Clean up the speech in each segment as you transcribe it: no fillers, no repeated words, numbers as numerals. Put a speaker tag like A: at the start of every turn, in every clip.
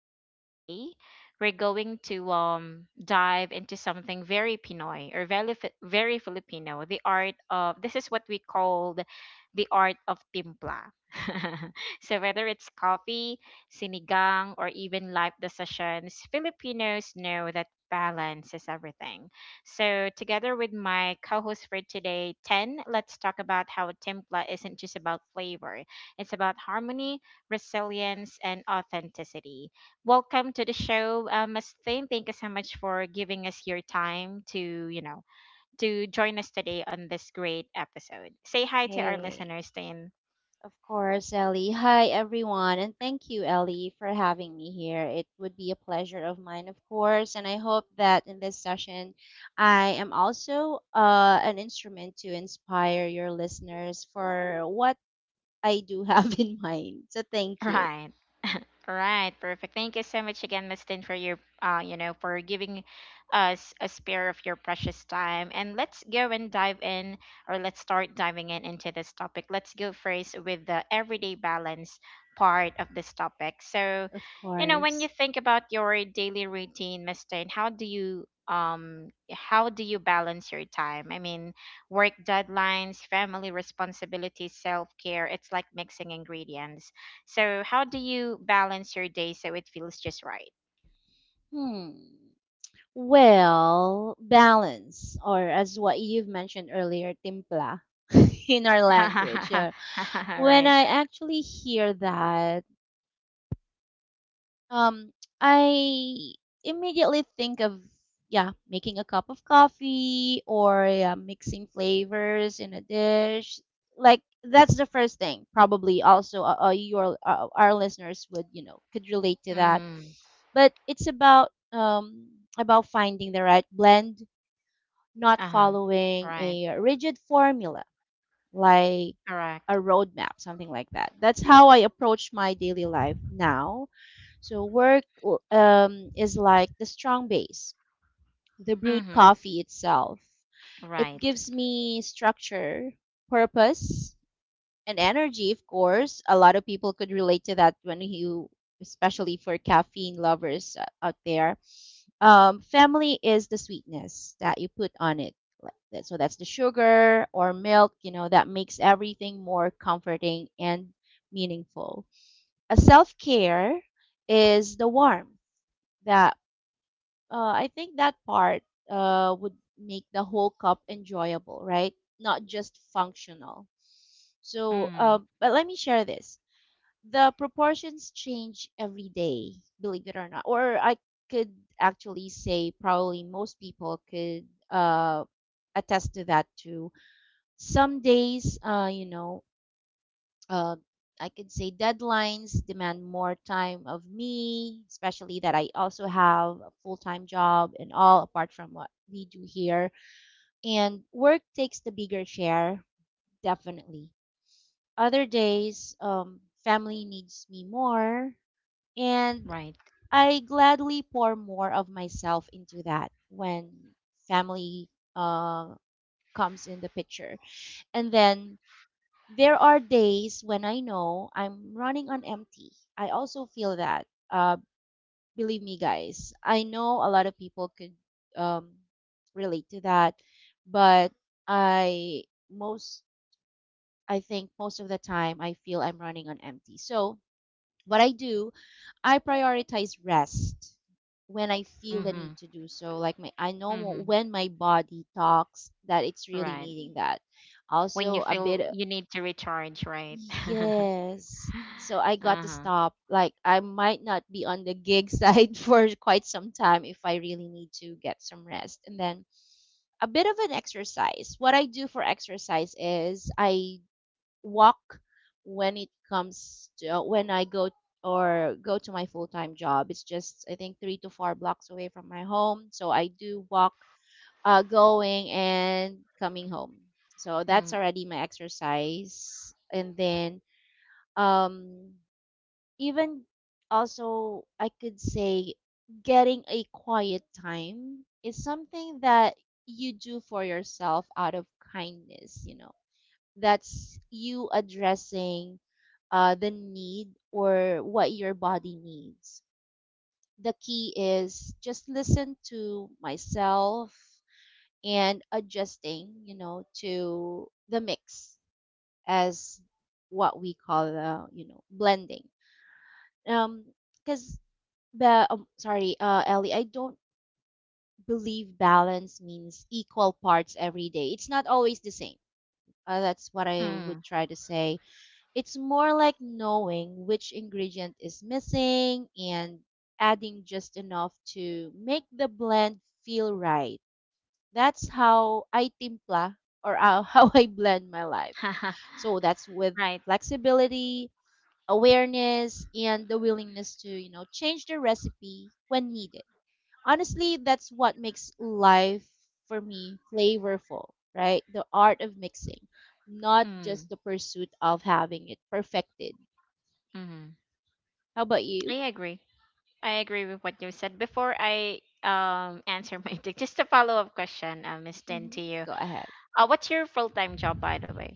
A: And today we're going to dive into something very Pinoy or very Filipino, the art of this is what we called the art of timpla. So, whether it's coffee, sinigang, or even live sessions, Filipinos know that balance is everything. So, together with my co host for today, 10, let's talk about how timpla isn't just about flavor, it's about harmony, resilience, and authenticity. Welcome to the show, Miss Thane. Thank you so much for giving us your time you know, to join us today on this great episode. Say hi to our
B: Hey,
A: listeners, Thane.
B: of course, Ellie. Hi, everyone, and thank you, Ellie, for having me here. It would be a pleasure of mine, of course, and I hope that in this session, I am also an instrument to inspire your listeners for what I do have in mind. So thank you,
A: Right. All right, perfect. Thank you so much again, Miss Tin, for your you know, for giving us a spare of your precious time. And let's go and dive in, or let's start diving in into this topic. Let's go first with the everyday balance part of this topic. So,
B: of
A: you know, when you
B: course.
A: think about your daily routine, Miss Tin, how do you balance your time? I mean, work deadlines, family responsibilities, self care. It's like mixing ingredients. So, how do you balance your day so it feels just right?
B: Hmm. Well, balance, or as what you've mentioned earlier, timpla in our language. When
A: Right.
B: I actually hear that, Um, I immediately think of, yeah, making a cup of coffee, or yeah, mixing flavors in a dish. Like that's the first thing. Probably also, your our listeners would, you know, could relate to that.
A: Mm.
B: But it's about finding the right blend, not
A: Uh-huh.
B: following
A: Right.
B: a rigid formula like a
A: Correct.
B: roadmap, something like that. That's how I approach my daily life now. So work is like the strong base, the brewed
A: Mm-hmm.
B: coffee itself. It
A: Right.
B: gives me structure, purpose, and energy. Of course, a lot of people could relate to that when you, especially for caffeine lovers out there. Um, family is the sweetness that you put on it. So that's the sugar or milk, you know, that makes everything more comforting and meaningful. A self care is the warmth that, I think that part would make the whole cup enjoyable, right? Not just functional. So,
A: Mm.
B: but let me share this, the proportions change every day, believe it or not. Or I could actually say probably most people could uh, attest to that too. Some days, uh, I could say deadlines demand more time of me, especially that I also have a full time job and all, apart from what we do here. And work takes the bigger share, definitely. Other days, family needs me more,
A: Right.
B: and I gladly pour more of myself into that when family uh, comes in the picture. And then there are days when I know I'm running on empty. I also feel that. Believe me, guys, I know a lot of people could, um, relate to that, but I most I think most of the time I feel I'm running on empty. So what I do I prioritize rest when I feel the
A: Mm-hmm.
B: need to do so. Like I know
A: Mm-hmm.
B: when my body talks that it's really
A: Right.
B: needing that.
A: When you
B: Also, a
A: feel
B: bit,
A: you need to recharge, right?
B: yes. So I got to
A: Uh-huh.
B: stop. Like I might not be on the gig side for quite some time if I really need to get some rest. And then a bit of an exercise. What I do for exercise is I walk when it comes to, when I go to my full time job. It's just, I think, three to four blocks away from my home, so I do walk going and coming home. So that's
A: Mm.
B: already my exercise, and then, um, even also I could say getting a quiet time is something that you do for yourself out of kindness, you know, that's you addressing the need or what your body needs. The key is just listen to myself and adjusting, you know, to the mix as what we call, the, you know, blending. Um, because the sorry, Ellie, I don't believe balance means equal parts every day. It's not always the same. That's what I
A: Mm.
B: would try to say. It's more like knowing which ingredient is missing and adding just enough to make the blend feel right. That's how I timpla, or how how I blend my life. So that's with
A: Right.
B: flexibility, awareness, and the willingness to, you know, change the recipe when needed. Honestly, that's what makes life for me flavorful, right? The art of mixing, not
A: Mm.
B: just the pursuit of having it perfected.
A: Mm-hmm.
B: How about
A: I
B: you?
A: agree. I agree with what you said before. I answer my just a follow up question, Miss Tin, to
B: Mhm.
A: you.
B: Go ahead.
A: What's your full time job, by the way?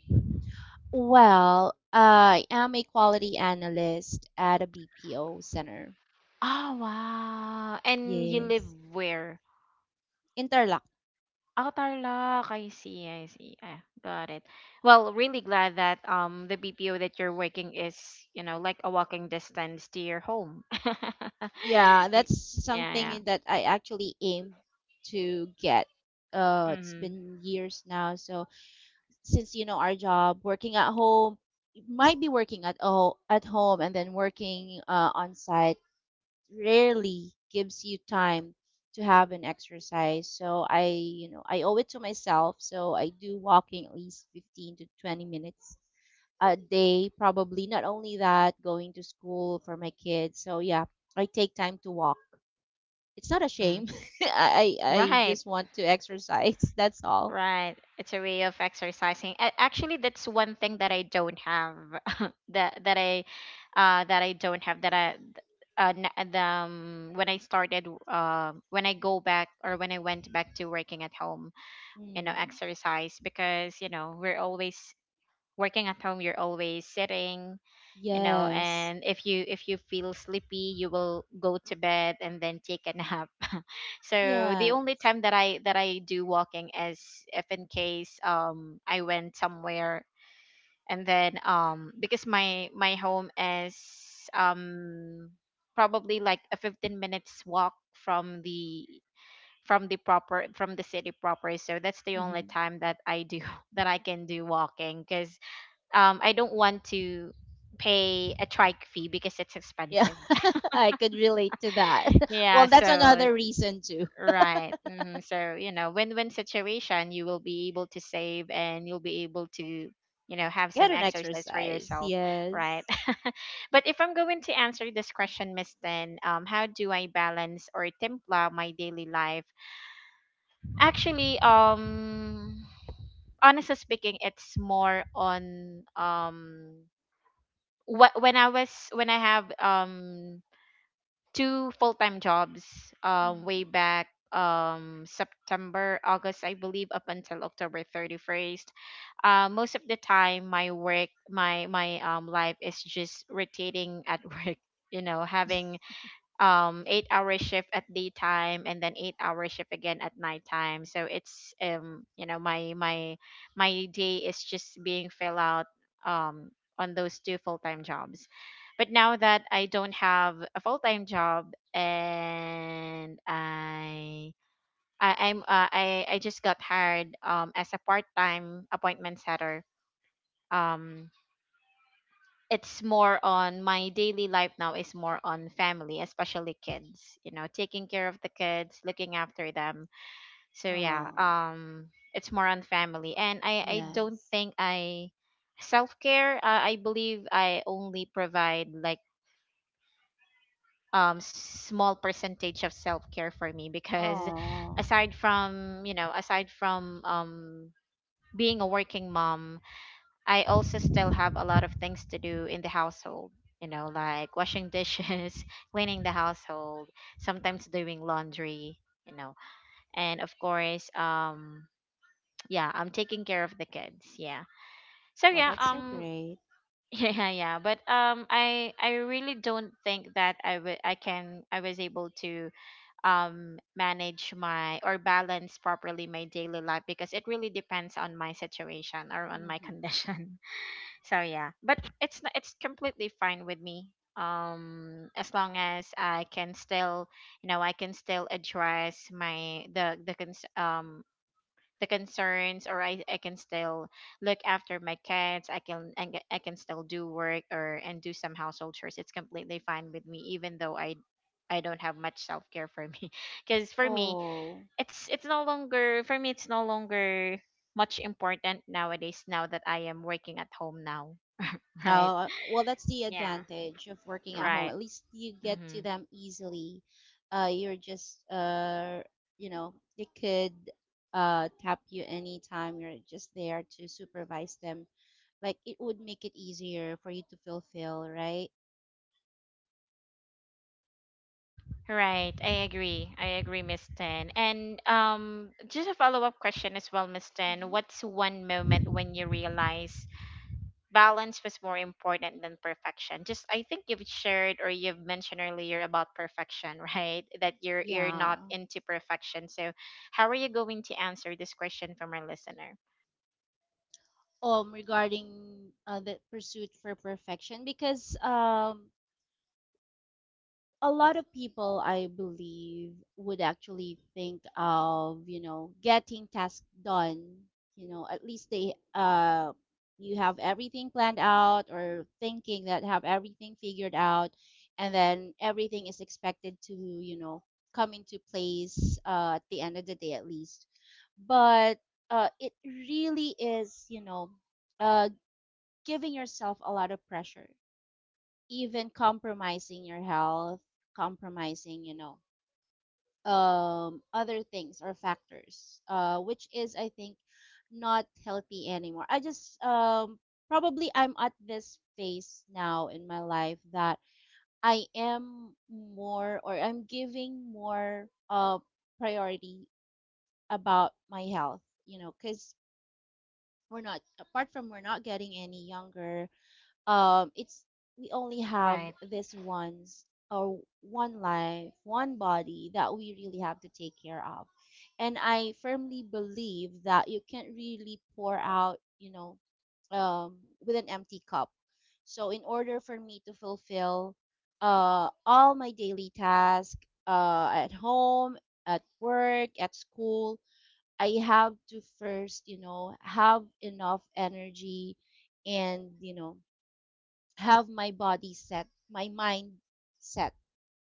B: Well, I am a quality analyst at a BPO center.
A: Oh, wow. And you live
B: Yes.
A: where?
B: Interlock.
A: Oh, Tarlac. I see. I see. Ah, got it. Well, really glad that the BPO that you're working is, like, a walking distance to your home.
B: Yeah, that's
A: Yeah, yeah.
B: something that I actually aim to get. It's
A: Mm-hmm.
B: been years now. So since, you know, our job, working at home, you might be working at, oh, at home and then working on site, rarely gives you time to have an exercise. So I, you know, I owe it to myself. So I do walking at least 15 to 20 minutes a day, probably. Not only that, going to school for my kids. So yeah, I take time to walk. It's not a
A: Mm-hmm.
B: shame. I
A: Right.
B: just want to exercise. That's all.
A: Right. It's a way of exercising. Actually, that's one thing that I don't have that that I don't have that I th- n- the, when I started when I went back to working at home, you know,
B: Mm.
A: exercise. Because, we're always working at home, you're always sitting,
B: Yes.
A: and if you feel sleepy, you will go to bed and then take a nap. So the
B: Yeah.
A: only time that I do walking is if, in case, I went somewhere. And then because my home is, um probably, like a 15 minutes walk from the proper from the city proper. So that's the
B: Hmm.
A: only time that I do that I can do walking, because I don't want to pay a trike fee, because it's
B: Yeah.
A: expensive.
B: I could relate to that.
A: Yeah,
B: Well, that's
A: so
B: another reason too.
A: right. So, win-win situation. You will be able to save and you'll be able to, have
B: Get
A: some
B: an
A: exercise for
B: exercise.
A: yourself, right?
B: Yes.
A: But if I'm going to answer this question, Miss Tin, how do I balance or templa my daily life? Actually, honestly speaking, it's more on, what, when I was when I have two full-time jobs, way
B: Mhm.
A: back, September, August, I believe, up until October 31st. Most of the time, my work, my life is just rotating at work. You know, having 8 hour shift at daytime and then 8 hour shift again at nighttime. So it's, my day is just being filled out um on those two full-time jobs. But now that I don't have a full-time job, and I, I'm uh, I just got hired, as a part-time appointment setter. um, it's more on, my daily life now is more on family, especially kids, you know, taking care of the kids, looking after them. So yeah,
B: Oh,
A: it's more on family. And I don't
B: yes.
A: think I self-care. I believe I only provide like, small percentage of self-care for me, because
B: Oh,
A: aside from being a working mom, I also still have a lot of things to do in the household, like washing dishes, cleaning the household, sometimes doing laundry, you know, and of course, yeah, I'm taking care of the kids. Yeah. So
B: well,
A: yeah,
B: that's so great.
A: yeah, yeah, yeah. But I really don't think that I would I can I was able to manage my or balance properly my daily life, because it really depends on my situation or on my
B: Hmm.
A: condition. So yeah, but it's completely fine with me. As long as I can still address my the cons the concerns, or I can still look after my kids. I can, and I can still do work, or and do some household chores. It's completely fine with me, even though I don't have much self care for me, because for me,
B: Oh,
A: it's no longer for me it's no longer much important nowadays, now that I am working at home now. Right.
B: oh, well, that's the
A: Yeah,
B: advantage of working at home.
A: right.
B: At least you get
A: Mm-hmm.
B: to them easily. You're just, you know, they could tap you anytime. You're just there to supervise them. Like, it would make it easier for you to fulfill, right?
A: Right. I agree. I agree, Miss Tan. And, just a follow up question as well, Miss Tan. What's one moment when you realize balance was more important than perfection? Just, I think you've shared, or you've mentioned earlier about perfection, right? That you're
B: Yeah.
A: not into perfection. So, how are you going to answer this question from our listener?
B: Regarding the pursuit for perfection, because a lot of people, I believe, would actually think of, you know, getting tasks done, you know, at least they you have everything planned out, or thinking that have everything figured out, and then everything is expected to, you know, come into place at the end of the day at least. But it really is, you know, uh, giving yourself a lot of pressure, even compromising your health, compromising, you know, other things or factors, which is, I think, not healthy anymore. I just, probably I'm at this phase now in my life that I'm giving more priority about my health, you know, because we're not, apart from we're not getting any younger, it's, we only have
A: Right.
B: this once, or one life, one body, that we really have to take care of. And I firmly believe that you can't really pour out, you know, um with an empty cup. So in order for me to fulfill all my daily tasks at home, at work, at school, I have to first, you know, have enough energy, and, you know, have my body set, my mind set,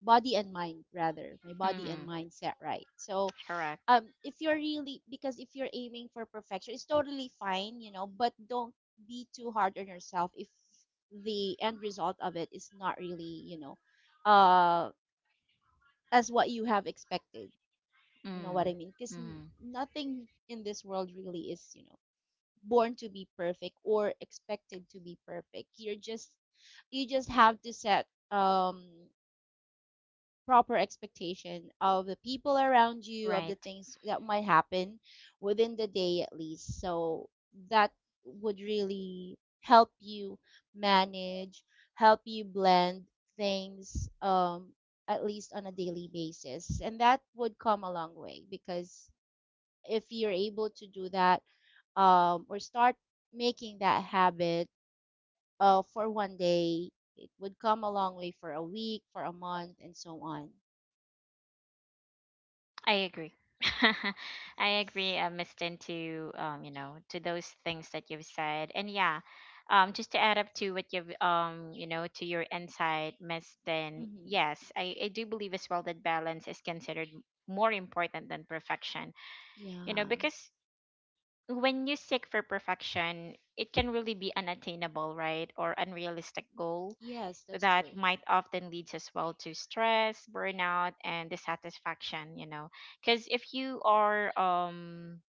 B: body and mind, rather, my body and
A: Mm-hmm.
B: mind set right. So,
A: Correct.
B: if you're aiming for perfection, it's totally fine, you know, but don't be too hard on yourself if the end result of it is not really, you know, uh, as what you have expected. You know what I
A: Mm.
B: mean? Because
A: Mm.
B: nothing in this world really is, you know, born to be perfect or expected to be perfect. You're just, you just have to set um proper expectation of the people around you, of the
A: Right.
B: things that might happen within the day at least. So that would really help you manage, help you blend things at least on a daily basis. And that would come a long way, because if you're able to do that, or start making that habit for one day, it would come a long way for a week, for a month, and so on.
A: I agree. I agree, Miss Tin, to, to those things that you've said. And yeah, just to add up to what you've you know, to your insight, Miss Tin.
B: Mm-hmm.
A: Yes, I do believe as well that balance is considered more important than perfection. You know,
B: Yeah.
A: because when you seek for perfection, it can really be unattainable, right, or unrealistic goal
B: Yes, that's
A: that
B: true.
A: might often leads as well to stress, burnout, and dissatisfaction. Because if you are um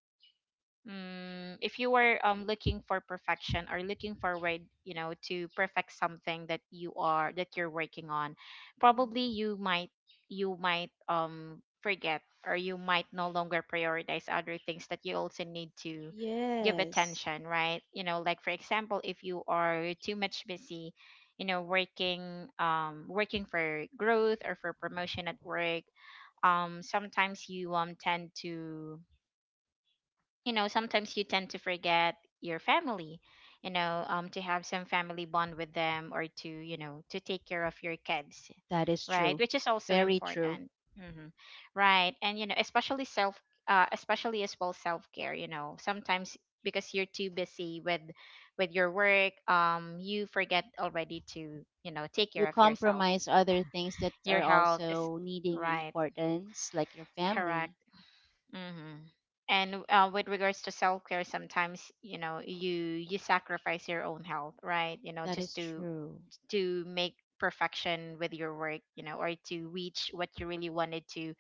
A: Mm, if you were looking for perfection, or looking forward, to perfect something that you're working on, probably
B: Mm-hmm.
A: you might forget, or you might no longer prioritize other things that you also need to give
B: Yes,
A: attention, right? You know, like for example, if you are too much busy, working, for growth or for promotion at work, sometimes you tend to forget your family, to have some family bond with them, or to take care of your kids,
B: that is
A: right,
B: true.
A: which is also
B: Very true.
A: important. hmm right. And especially self especially as well self care. Sometimes, because you're too busy with your work, you forget already to, take care
B: You
A: of yourself.
B: compromise other things that
A: Your
B: are
A: health is.
B: also needing
A: Right.
B: importance, like your
A: Correct.
B: family.
A: Mm-hmm. And with regards to self care, sometimes, you sacrifice your own health, right? You know,
B: That
A: just
B: is
A: to
B: true.
A: make perfection with your work, or to reach what you really wanted to,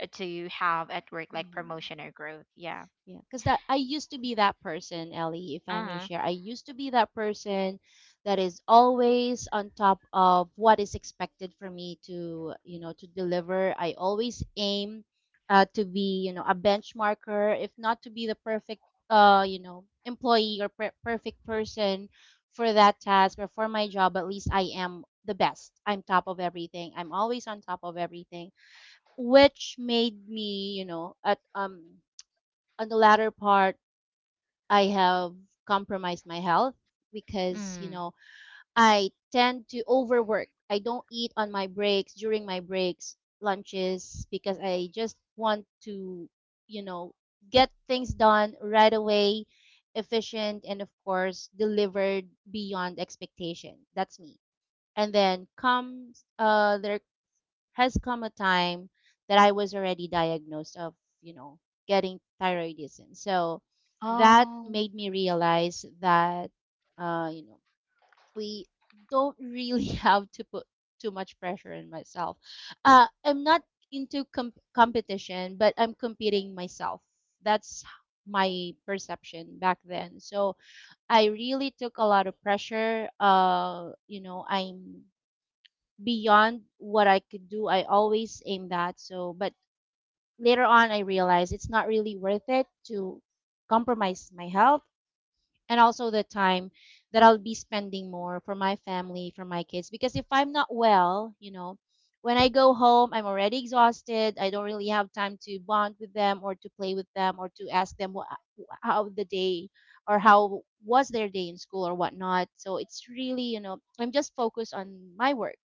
A: to have at work, like
B: Mm-hmm.
A: promotion or growth. Yeah.
B: Yeah, because that, I used to be that person, Ellie, if
A: Uh
B: I may
A: huh.
B: share. I used to be that person that is always on top of what is expected for me to, you know, to deliver. I always aim to be, you know, a benchmarker, if not to be the perfect, you know, employee or perfect person for that task or for my job. At least I am the best. I'm top of everything. I'm always on top of everything, which made me, you know, at on the latter part, I have compromised my health, because, you
A: Mm.
B: know, I tend to overwork. I don't eat on my breaks, during my breaks, lunches, because I just want to, you know, get things done right away, efficient, and of course, delivered beyond expectation. That's me. And then comes, there has come a time that I was already diagnosed of, you know, getting thyroidism. So that
A: Oh,
B: made me realize that, you know, we don't really have to put too much pressure on myself. I'm not into competition, but I'm competing myself. That's my perception back then. So I really took a lot of pressure. You know, I'm beyond what I could do. I always aim that. So, but later on, I realized it's not really worth it to compromise my health, and also the time that I'll be spending more for my family, for my kids. Because if I'm not well, you know, when I go home, I'm already exhausted. I don't really have time to bond with them or to play with them or to ask them how the day or how was their day in school or whatnot. So it's really, I'm just focused on my work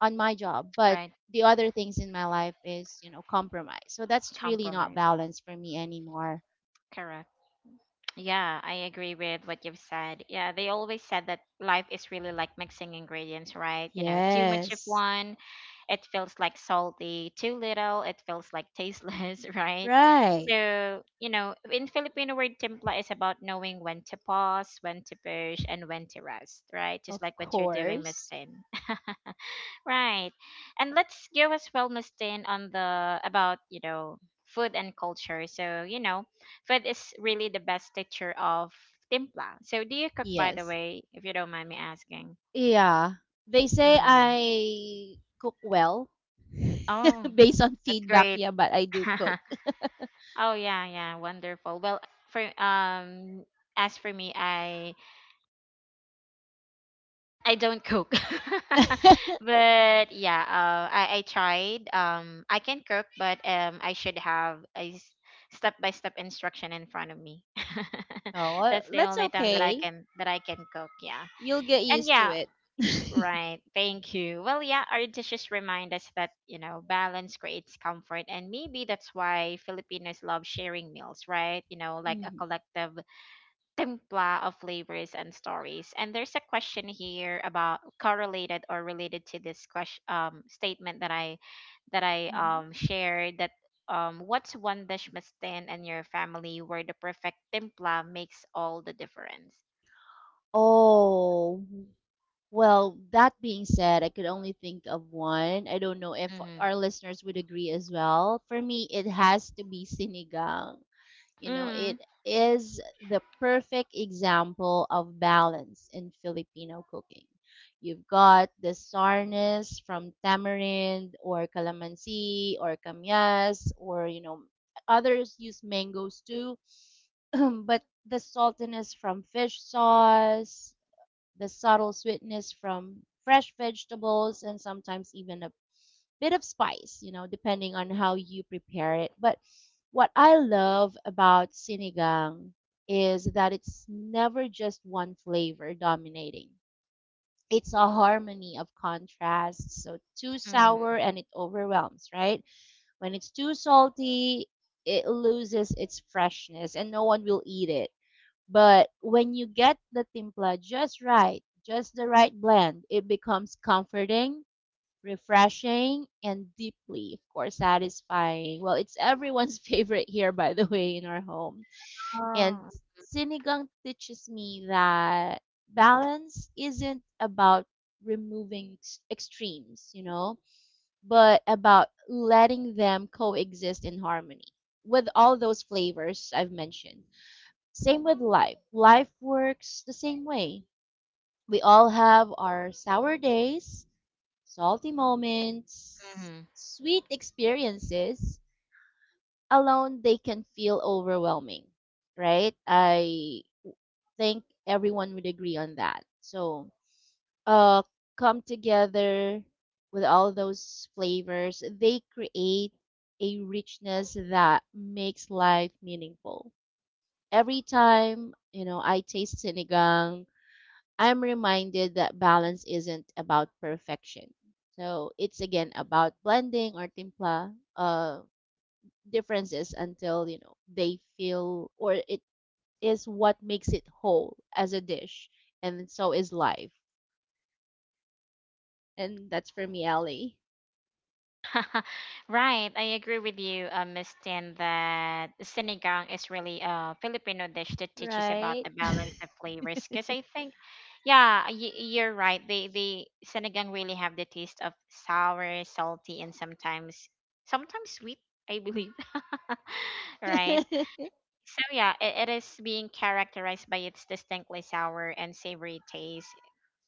B: on my job but
A: right.
B: the other things in my life is compromise, so that's really not
A: Compromise.
B: balanced for me anymore.
A: Correct. Yeah, I agree with what you've said. Yeah, they always said that life is really like mixing ingredients, right? You know, too much of
B: Yes.
A: one, it feels like salty, too little, it feels like tasteless, right?
B: Right.
A: So, in Filipino word, timpla is about knowing when to pause, when to push, and when to rest, right?
B: Of
A: Just like what you're doing, Miss
B: course.
A: Tin. Right. And let's go as well, Miss, on the, about, food and culture. So, food is really the best teacher of timpla. So do you cook, by the
B: Yes.
A: way, if you don't mind me asking?
B: Yeah, they say
A: Mm.
B: I cook well.
A: Oh,
B: Based on
A: that's
B: feedback.
A: great.
B: Yeah, but I do cook.
A: Oh yeah, yeah, wonderful. Well, for as for me, I don't cook. But yeah, I tried. I can cook, but, I should have a step by step instruction in front of me.
B: Oh, well,
A: That's the
B: that's
A: only time that I
B: okay.
A: can that I can cook. Yeah,
B: You'll get
A: and
B: used to
A: yeah,
B: it.
A: right. Thank you. Well, yeah, our dishes remind us that, balance creates comfort. And maybe that's why Filipinos love sharing meals, right? You know, like a
B: Mhm,
A: collective timpla of flavors and stories. And there's a question here about, correlated or related to this question, statement that I that I
B: mhm.
A: um, shared, that what's one dish must stand in your family where the perfect timpla makes all the difference.
B: Oh. Well, that being said, I could only think of one. I don't know if
A: Mm-hmm.
B: our listeners would agree as well. For me, it has to be sinigang. You know, it is the perfect example of balance in Filipino cooking. You've got the sourness from tamarind or calamansi or kamyas, or, you know, others use mangoes too, but the saltiness from fish sauce, the subtle sweetness from fresh vegetables, and sometimes even a bit of spice, you know, depending on how you prepare it. But what I love about sinigang is that it's never just one flavor dominating. It's a harmony of contrasts. So too sour
A: Mm-hmm.
B: and it overwhelms, right? When it's too salty, it loses its freshness and no one will eat it, but when you get the timpla just right, just the right blend, it becomes comforting, refreshing, and deeply, of course, satisfying. Well, it's everyone's favorite here, by the way, in our home. And
A: Oh.
B: sinigang teaches me that balance isn't about removing extremes, you know, but about letting them coexist in harmony with all those flavors I've mentioned. Same with life. Life works the same way. We all have our sour days, salty moments,
A: Hmm.
B: sweet experiences. Alone, they can feel overwhelming, right? I think everyone would agree on that. So, uh, come together with all those flavors, they create a richness that makes life meaningful. Every time, you know, I taste sinigang, I'm reminded that balance isn't about perfection. So it's again about blending or timpla differences until, you know, they feel or it is what makes it whole as a dish, and so is life. And that's for me, Ellie.
A: Right, I agree with you, Miss Tin, that sinigang is really a Filipino dish that teaches about
B: Right?
A: the balance of flavors. Because I think, yeah, you're right. They sinigang really have the taste of sour, salty, and sometimes sweet. I believe, right? So yeah, it is being characterized by its distinctly sour and savory taste.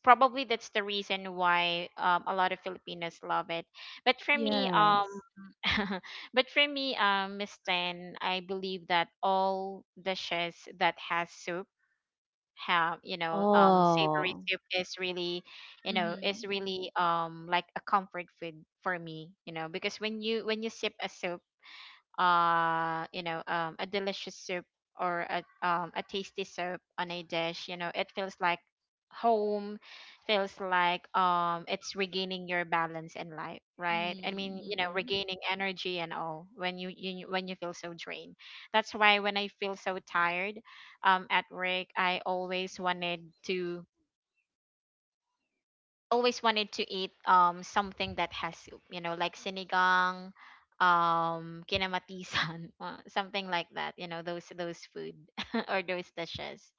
A: Probably that's the reason why a lot of Filipinos love it. But for me,
B: Yes.
A: but for me, Miss Tan, I believe that all dishes that has soup have savory
B: Oh.
A: soup is really is
B: Mhm.
A: really like a comfort food for me, because when you sip a soup, a delicious soup, or a tasty soup on a dish, it feels like home. Feels like it's regaining your balance in life, right? I mean,
B: Mm-mm.
A: regaining energy and all when you when you feel so drained. That's why when I feel so tired at work, I always wanted to eat something that has soup, you know, like sinigang, kinamatisan, something like that. You know, those food, or those dishes.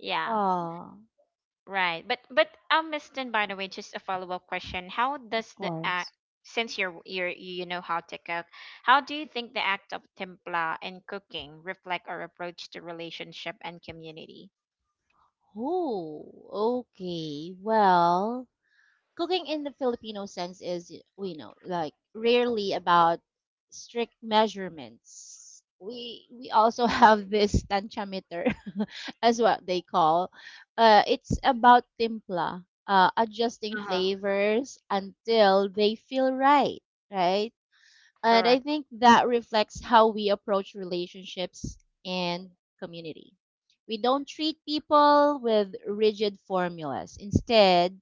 A: Yeah,
B: Oh,
A: right. But Miss Tin, by the way, just a follow up question: how
B: of
A: does the act,
B: course.
A: since you're how to cook, how do you think the act of templa and cooking reflect our approach to relationship and community?
B: Oh, okay. Well, cooking in the Filipino sense is, we know, like rarely about strict measurements. We also have this tanchameter as what they call. It's about timpla, adjusting
A: Uh huh.
B: flavors until they feel right, right? And I
A: Correct.
B: think that reflects how we approach relationships and community. We don't treat people with rigid formulas. Instead,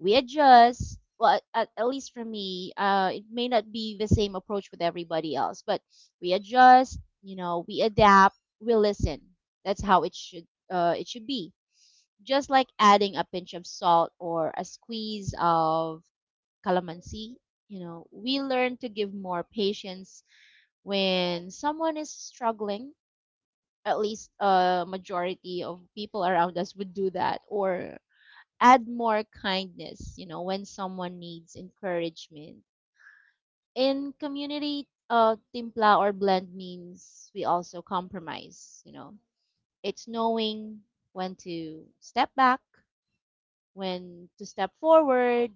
B: we adjust. Well, at least for me, it may not be the same approach with everybody else, but we adjust. You know, we adapt. We listen. That's how it should be. Just like adding a pinch of salt or a squeeze of calamansi. You know, we learn to give more patience when someone is struggling. At least a majority of people around us would do that, or add more kindness, you know, when someone needs encouragement. In community, timpla or blend means we also compromise, you know. It's knowing when to step back, when to step forward,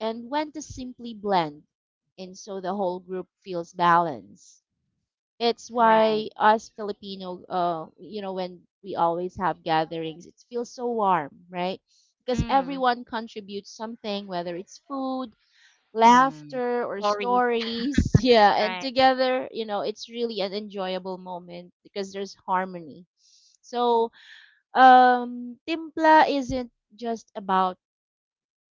B: and when to simply blend. And so the whole group feels balanced. It's
A: Right.
B: why us Filipino, you know, when we always have gatherings, it feels so warm, right? Because
A: Mm.
B: everyone contributes something, whether it's food,
A: Mm.
B: laughter, or
A: Stories.
B: stories. Yeah, and
A: Right.
B: together, you know, it's really an enjoyable moment because there's harmony. So, timpla isn't just about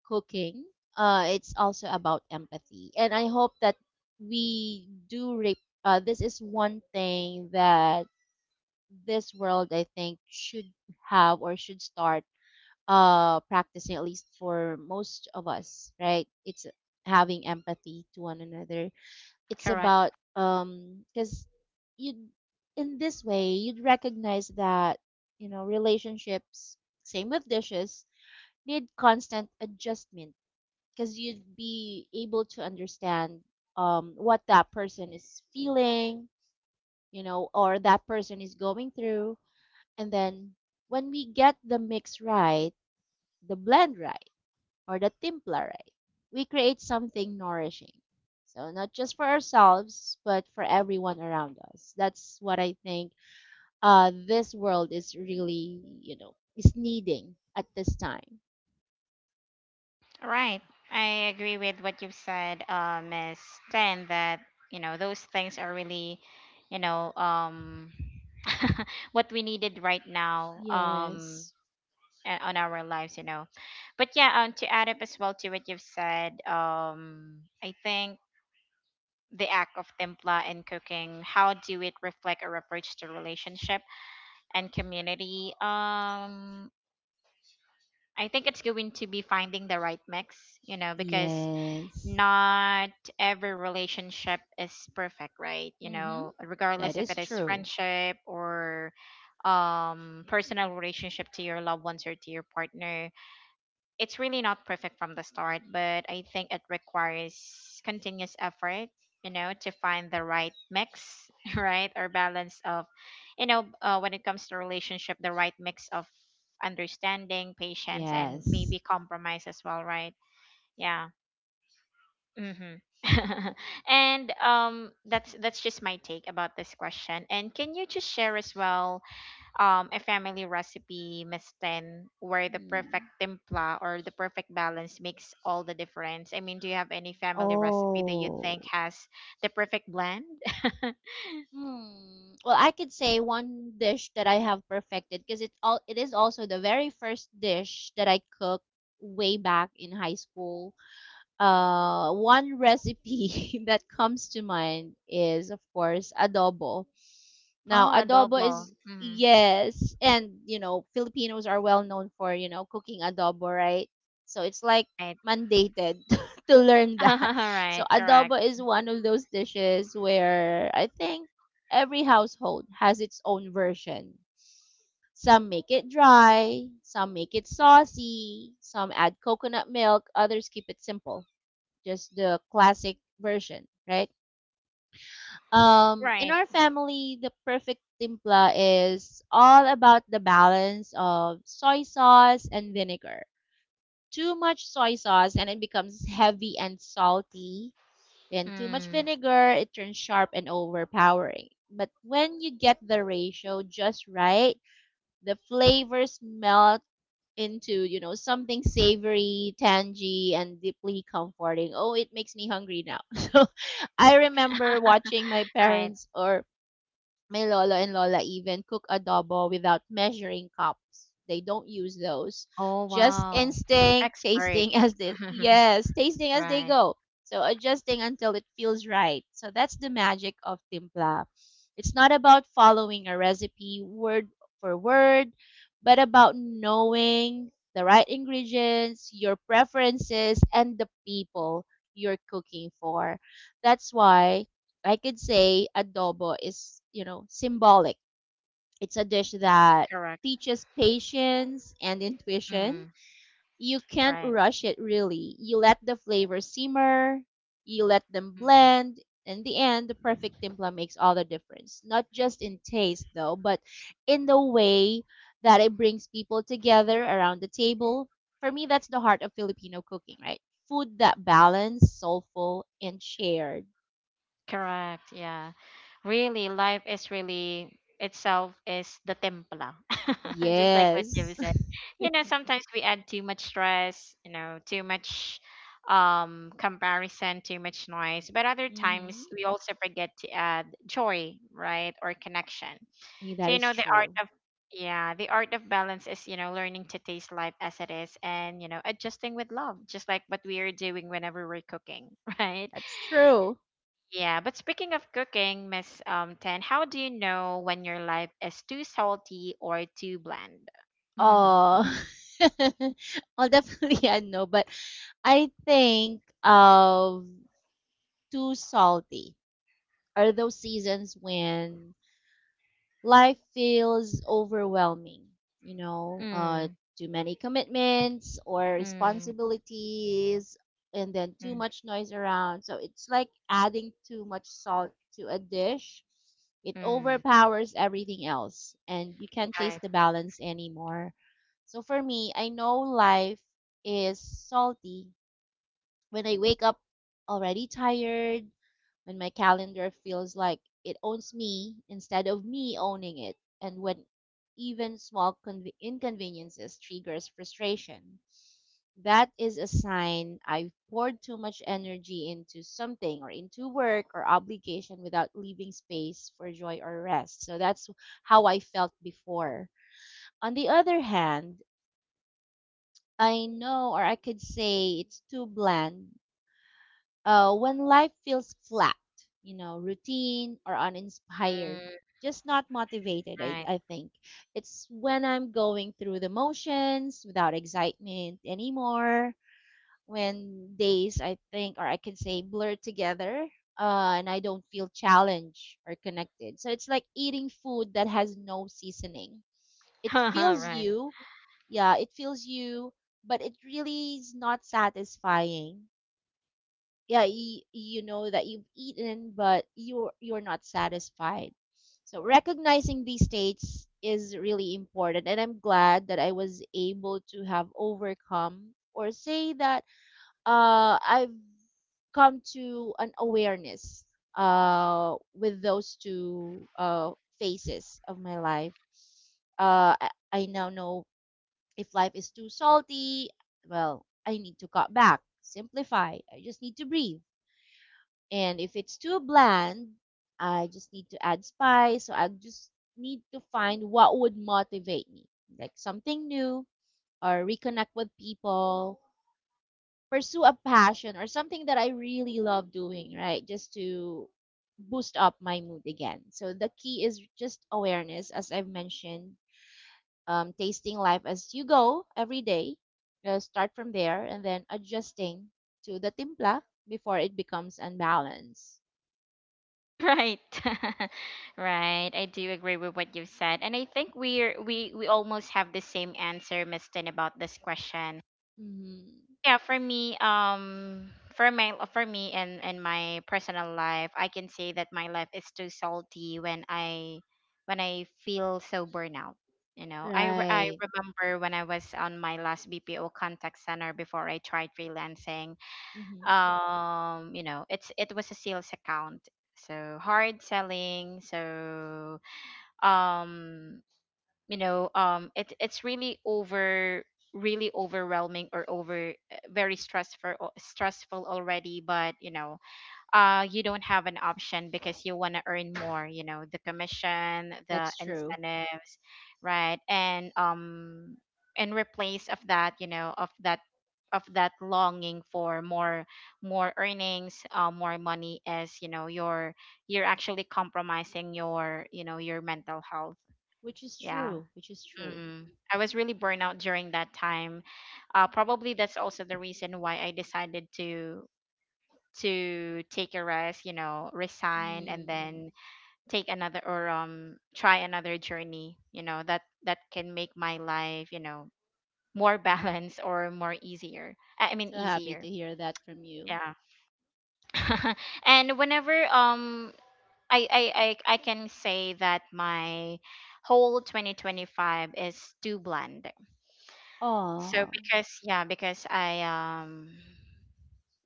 B: cooking, it's also about empathy. And I hope that we do. This is one thing that this world, I think, should have or should start practicing, at least for most of us, right? It's having empathy to one another. It's
A: Correct.
B: about, because you, in this way, you'd recognize that, you know, relationships, same with dishes, need constant adjustment because you'd be able to understand, what that person is feeling, you know, or that person is going through. And then when we get the mix right, the blend right, or the timpla right, we create something nourishing. So not just for ourselves, but for everyone around us. That's what I think, this world is really, you know, is needing at this time.
A: Right. I agree with what you've said, Miss Ten, that, you know, those things are really, you know, what we needed right now,
B: Yes.
A: a- on our lives, you know. But yeah, to add up as well to what you've said, I think the act of templa and cooking, how do it reflect our approach to relationship and community? I think it's going to be finding the right mix, you know, because
B: Yes.
A: not every relationship is perfect, right? You
B: Mm-hmm.
A: know,
B: That
A: regardless if it
B: is
A: is
B: true.
A: friendship or personal relationship to your loved ones or to your partner. It's really not perfect from the start, but I think it requires continuous effort, you know, to find the right mix, right? Or balance of, you know, when it comes to relationship, the right mix of understanding, patience, and
B: Yes.
A: maybe compromise as well, right? Yeah. Mm-hmm. And that's just my take about this question. And can you just share as well a family recipe, Miss Ten, where the perfect
B: Mm.
A: templa or the perfect balance makes all the difference? I mean, do you have any family recipe that you
B: Oh.
A: think has the perfect blend?
B: Hmm. Well, I could say one dish that I have perfected because it's all it is also the very first dish that I cooked way back in high school. One recipe that comes to mind is of course adobo. Now,
A: Oh,
B: adobo
A: adobo.
B: is
A: Mm,
B: yes, and you know, Filipinos are well known for, you know, cooking adobo, right? So it's like
A: right.
B: mandated to learn
A: All
B: that. So
A: right. Correct.
B: adobo is one of those dishes where I think every household has its own version. Some make it dry, some make it saucy, some add coconut milk, others keep it simple, just the classic version, right? In
A: Right.
B: our family, the perfect timpla is all about the balance of soy sauce and vinegar. Too much soy sauce and it becomes heavy and salty, and too much
A: Mm,
B: vinegar, it turns sharp and overpowering. But when you get the ratio just right, the flavors melt into, you know, something savory, tangy, and deeply comforting. Oh, it makes me hungry now. So I remember watching my
A: right.
B: parents or my lola and lola even cook adobo without measuring cups. They don't use those.
A: Oh
B: Just
A: wow.
B: instinct,
A: Expert.
B: tasting as they, yes, tasting as they
A: right.
B: go. So adjusting until it feels right. So that's the magic of timpla. It's not about following a recipe word for word, but about knowing the right ingredients, your preferences, and the people you're cooking for. That's why I could say adobo is, you know, symbolic. It's a dish that
A: Correct.
B: teaches patience and intuition.
A: Mm.
B: You can't
A: Right.
B: rush it really. You let the flavors simmer, you let them
A: Mm.
B: blend. In the end, the perfect timpla makes all the difference. Not just in taste though, but in the way that it brings people together around the table. For me, that's the heart of Filipino cooking, right? Food that balanced, soulful, and shared.
A: Correct. Yeah. Really, life is really itself is the templa. Just like what you
B: Yes.
A: said. You know, sometimes we add too much stress, you know, too much comparison, too much noise. But other
B: Mm-hmm.
A: times we also forget to add joy, right? Or connection.
B: Hey,
A: So
B: that
A: you
B: is
A: know the art
B: true.
A: of, yeah, the art of balance is, you know, learning to taste life as it is and, you know, adjusting with love, just like what we are doing whenever we're cooking, right?
B: That's true.
A: Yeah, but speaking of cooking, Miss Tan, how do you know when your life is too salty or too bland?
B: Oh, well, definitely I know, but I think of too salty are those seasons when life feels overwhelming, you know,
A: Mm,
B: too many commitments or
A: mm,
B: responsibilities, and then too
A: mm,
B: much noise around. So it's like adding too much salt to a dish. It
A: mm.
B: overpowers everything else, and you can't
A: Right.
B: taste the balance anymore. So for me, I know life is salty when I wake up already tired, when my calendar feels like it owns me instead of me owning it, and when even small inconveniences triggers frustration. That is a sign I've poured too much energy into something or into work or obligation without leaving space for joy or rest. So that's how I felt before. On the other hand, I know or I could say it's too bland, when life feels flat, you know, routine or uninspired,
A: Mm,
B: just not motivated, I,
A: right.
B: I think. It's when I'm going through the motions without excitement anymore, when days, I think, or I can say, blur together. And I don't feel challenged or connected. So it's like eating food that has no seasoning. It fills
A: right.
B: you, yeah, it fills you, but it really is not satisfying. Yeah, you know that you've eaten but you're not satisfied. So recognizing these states is really important, and I'm glad that I was able to have overcome or say that I've come to an awareness with those two phases of my life. Uh, I, I now know if life is too salty, well, I need to cut back, simplify, I just need to breathe. And if it's too bland, I just need to add spice. So I just need to find what would motivate me, like something new or reconnect with people, pursue a passion or something that I really love doing, right? Just to boost up my mood again. So the key is just awareness, as I've mentioned, tasting life as you go every day. Start from there and then adjusting to the timpla before it becomes unbalanced.
A: Right. right. I do agree with what you said. And I think we almost have the same answer, Miss Tin, about this question.
B: Hmm.
A: Yeah, for me, for my for me and my personal life, I can say that my life is too salty when I feel so burnout. You know, I re- I
B: Right.
A: remember when I was on my last BPO contact center before I tried freelancing.
B: Mm-hmm.
A: You know, it was a sales account, so hard selling, so um it's really over really overwhelming or over, very stressful stressful already. But you know, you don't have an option because you want to earn more, you know, the commission, the
B: That's true.
A: incentives, right? And in replace of that, you know, of that longing for more, more earnings, more money, is, you know, you're actually compromising your, you know, your mental health.
B: Which is
A: Yeah.
B: true. Which is true.
A: Mm. I was really burned out during that time. Probably that's also the reason why I decided to take a rest, you know, resign, and
B: Mm.
A: then take another or try another journey, you know, that that can make my life, you know, more balanced or more easier. I mean
B: So happy to
A: easier.
B: hear that from you.
A: Yeah. And whenever I, I I can say that my whole 2025 is too bland. So
B: Oh.
A: because yeah, because I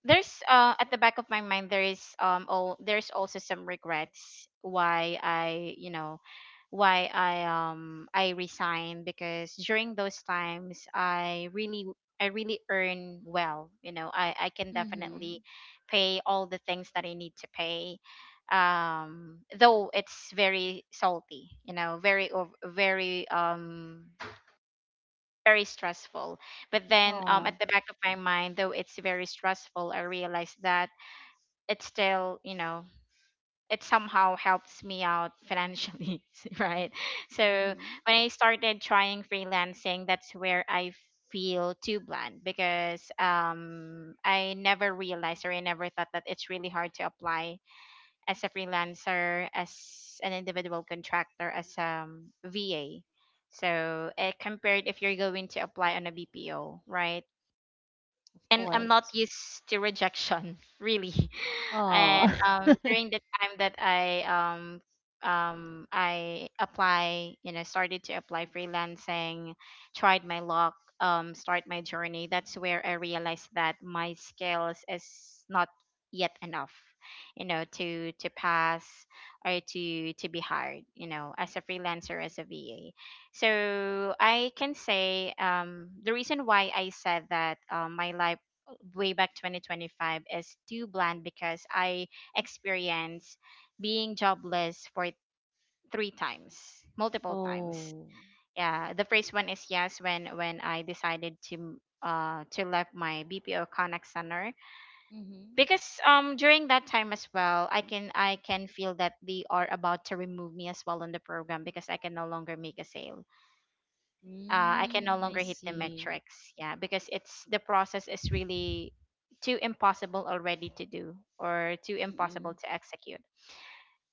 A: there's at the back of my mind there is oh, there's also some regrets why I, you know, why I resigned, because during those times I really earn well. You know, I can
B: Mm-hmm.
A: definitely pay all the things that I need to pay, though it's very salty, you know, very ov- very very stressful. But then
B: Oh.
A: at the back of my mind, though it's very stressful, I realize that it still, you know, it somehow helps me out financially, right? So
B: Mm-hmm.
A: when I started trying freelancing, that's where I feel too bland because I never realized or I never thought that it's really hard to apply as a freelancer, as an individual contractor, as VA. So it compared if you're going to apply on a BPO, right?
B: Of
A: And I'm
B: course.
A: not used to rejection, really.
B: Oh.
A: And during the time that I apply, you know, started to apply freelancing, tried my luck, start my journey. That's where I realized that my skills is not yet enough, you know, to pass or to be hired, you know, as a freelancer as a VA. So I can say the reason why I said that my life way back 2025 is too bland, because I experienced being jobless for 3 times, multiple times.
B: Oh.
A: Yeah, the first one is yes, when I decided to left my BPO Connect Center,
B: Mm-hmm.
A: because during that time as well I can feel that they are about to remove me as well on the program, because I can no longer make a sale, I can no
B: Mm, I
A: longer hit the
B: see.
A: metrics. Yeah, because it's the process is really too impossible already to do, or too
B: Mm-mm.
A: impossible to execute.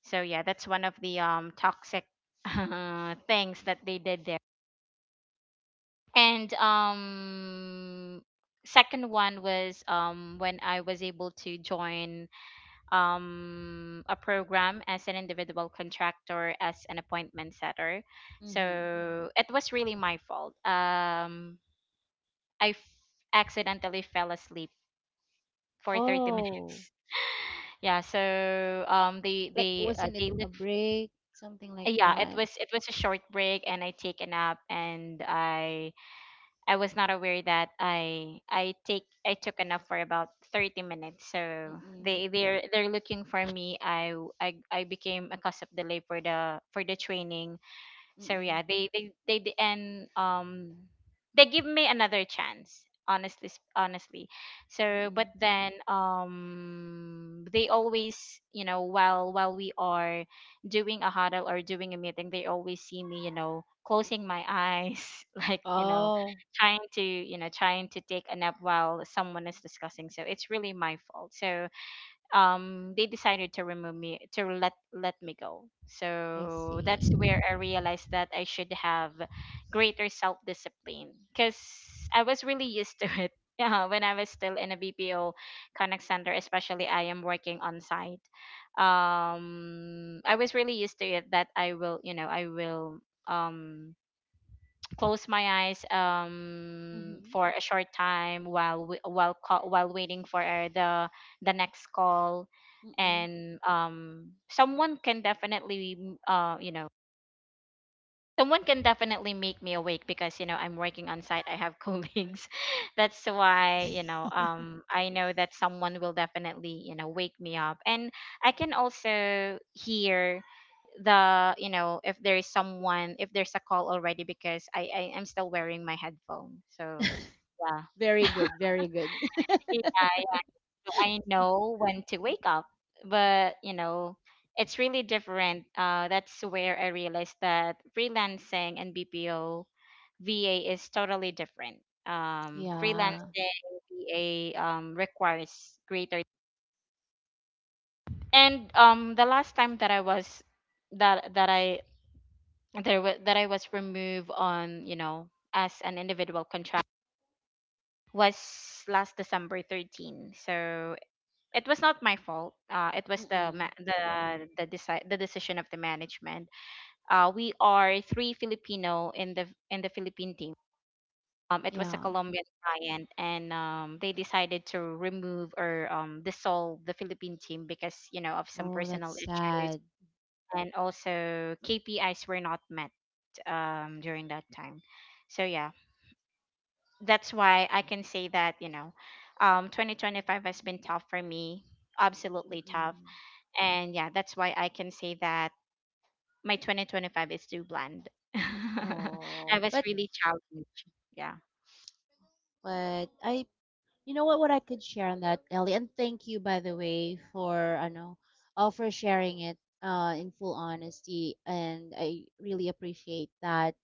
A: So yeah, that's one of the toxic things that they did there. And second one was when I was able to join a program as an individual contractor as an appointment setter.
B: Mm-hmm.
A: So it was really my fault. I f- accidentally fell asleep for 30
B: Oh.
A: minutes. Yeah, so
B: Like, wasn't it
A: they
B: a
A: look,
B: break? Something like
A: yeah, it
B: that.
A: was a short break, and I take a nap, and I was not aware that I took a nap for about 30 minutes. So
B: Mm-mm.
A: they're looking for me. I I became a cause of delay for the training. So
B: Mm-mm.
A: yeah, they d- and they give me another chance, honestly, sp- honestly. So but
B: Mm-mm.
A: then they always, you know, while we are doing a huddle or doing a meeting, they always see me, you know, closing my eyes, like, you know,
B: Oh.
A: trying to, you know, trying to take a nap while someone is discussing. So it's really my fault. So they decided to remove me, to let me go.
B: I
A: So that's
B: see.
A: where I realized that I should have greater self discipline, because I was really used to it, yeah, when I was still in a BPO connect center, especially I am working on site. I was really used to it, that I will, you know, I will um close my eyes
B: Mm-hmm.
A: for a short time while waiting for, the next call,
B: Mm-mm.
A: and someone can definitely you know, someone can definitely make me awake, because you know I'm working on site, I have colleagues. That's why, you know, I know that someone will definitely, you know, wake me up, and I can also hear the, you know, if there is someone, if there's a call already, because I am still wearing my headphone, so yeah.
B: Very good, very good.
A: Yeah, yeah. So I know when to wake up, but it's really different. That's where I realized that freelancing and BPO VA is totally different.
B: Yeah.
A: Freelancing VA requires greater. And the last time that I was, that I that I was removed on, as an individual contract was last December 13. So it was not my fault. It was the
B: Mm-mm.
A: ma- the the the decision of the management. We are three Filipino in the Philippine team. It was a
B: Yeah.
A: Colombian client, and they decided to remove or dissolve the Philippine team because, of some
B: Oh, that's
A: personal issues,
B: sad.
A: and also KPIs were not met during that time. So yeah, that's why I can say that, 2025 has been tough for me, absolutely tough.
B: Mm-mm.
A: And yeah, that's why I can say that my 2025 is too bland. I
B: Oh,
A: was
B: but
A: really challenged. Yeah.
B: but I, you know what I could share on that, Ellie, and thank you by the way for I know, for sharing it in full honesty and I really appreciate that.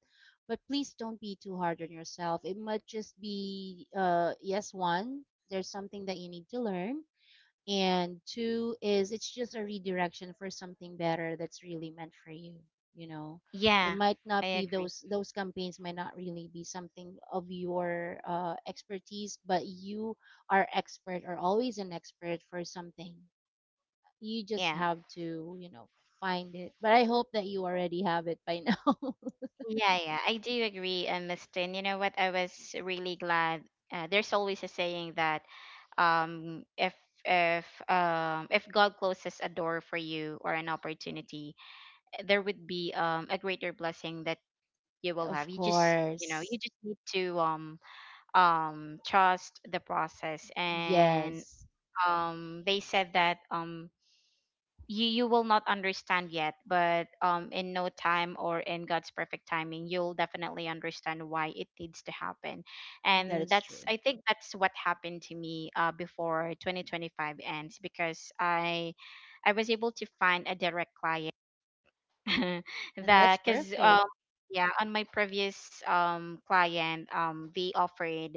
B: But please don't be too hard on yourself. It might just be yes one, there's something that you need to learn, and two is it's just a redirection for something better that's really meant for you you know It
A: Yeah,
B: might
A: I
B: not be
A: agree.
B: those campaigns might not really be something of your expertise, but you are expert or always an expert for something. You just
A: Yeah.
B: have to find it, but I hope that you already have it by now.
A: Yeah, yeah, I do agree, Miss Tin. You know what? I was really glad. There's always a saying that, if if God closes a door for you or an opportunity, there would be a greater blessing that you will have.
B: Of
A: You just, you
B: course.
A: just need to trust the process, and
B: Yes,
A: they said that, you will not understand yet, but in no time, or in God's perfect timing, you'll definitely understand why it needs to happen.
B: that
A: And
B: is
A: that's,
B: true.
A: I think that's what happened to me before 2025 ends, because I was able to find a direct client.
B: And
A: the
B: that's
A: because
B: perfect.
A: Yeah, on my previous client, they offered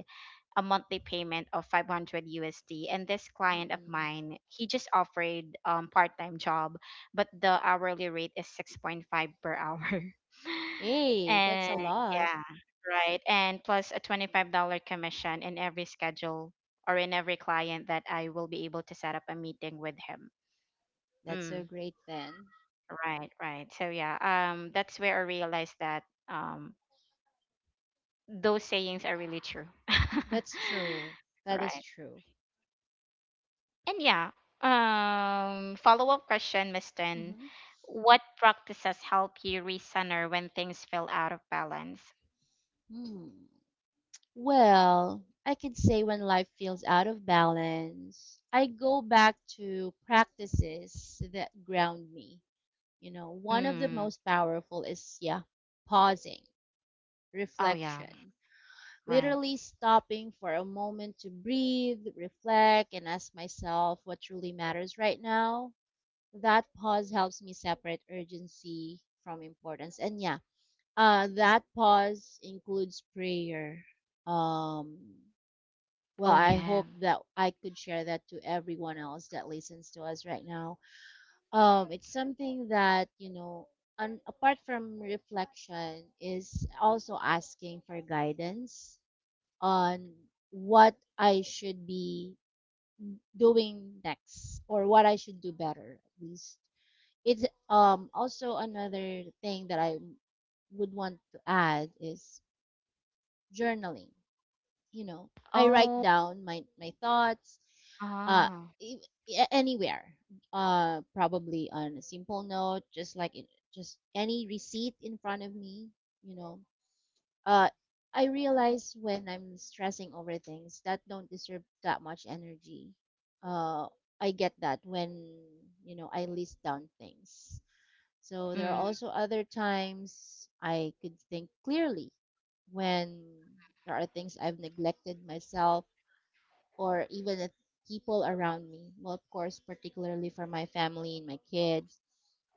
A: a monthly payment of 500 USD, and this client of
B: Mm-mm.
A: mine, he just offered part-time job, but the hourly rate is 6.5 per hour.
B: Hey, that's
A: And
B: a lot.
A: yeah, right, and plus a $25 commission in every schedule, or in every client that I will be able to set up a meeting with him.
B: That's so
A: Mm.
B: great then.
A: Right, right. So yeah, that's where I realized that, those sayings are really true.
B: That's true. That is
A: Right.
B: true.
A: And yeah, follow-up question, Miss Tin.
B: Mhm.
A: What practices help you recenter when things feel out of balance?
B: Hmm. Well, I could say when life feels out of balance, I go back to practices that ground me. You know, one of the
A: Mm.
B: most powerful is, yeah, pausing,
A: Oh yeah,
B: reflection,
A: right.
B: literally stopping for a moment to breathe, reflect, and ask myself what truly matters right now. That pause helps me separate urgency from importance. And yeah, that pause includes prayer. Um,
A: Oh
B: well, I
A: yeah.
B: hope that I could share that to everyone else that listens to us right now. It's something that, you know, apart from reflection, is also asking for guidance on what I should be doing next or what I should do better, at least. It's also another thing that I would want to add is journaling, you know I write
A: Oh.
B: down my thoughts uh
A: Ah.
B: anywhere, probably on a simple note, just like in, just any receipt in front of me, you know uh I realize when I'm stressing over things that don't deserve that much energy. uh I get that when, you know, I list down things, so there are
A: Mm.
B: also other times I could think clearly when there are things I've neglected myself or even the people around me. Well, of course, particularly for my family and my kids.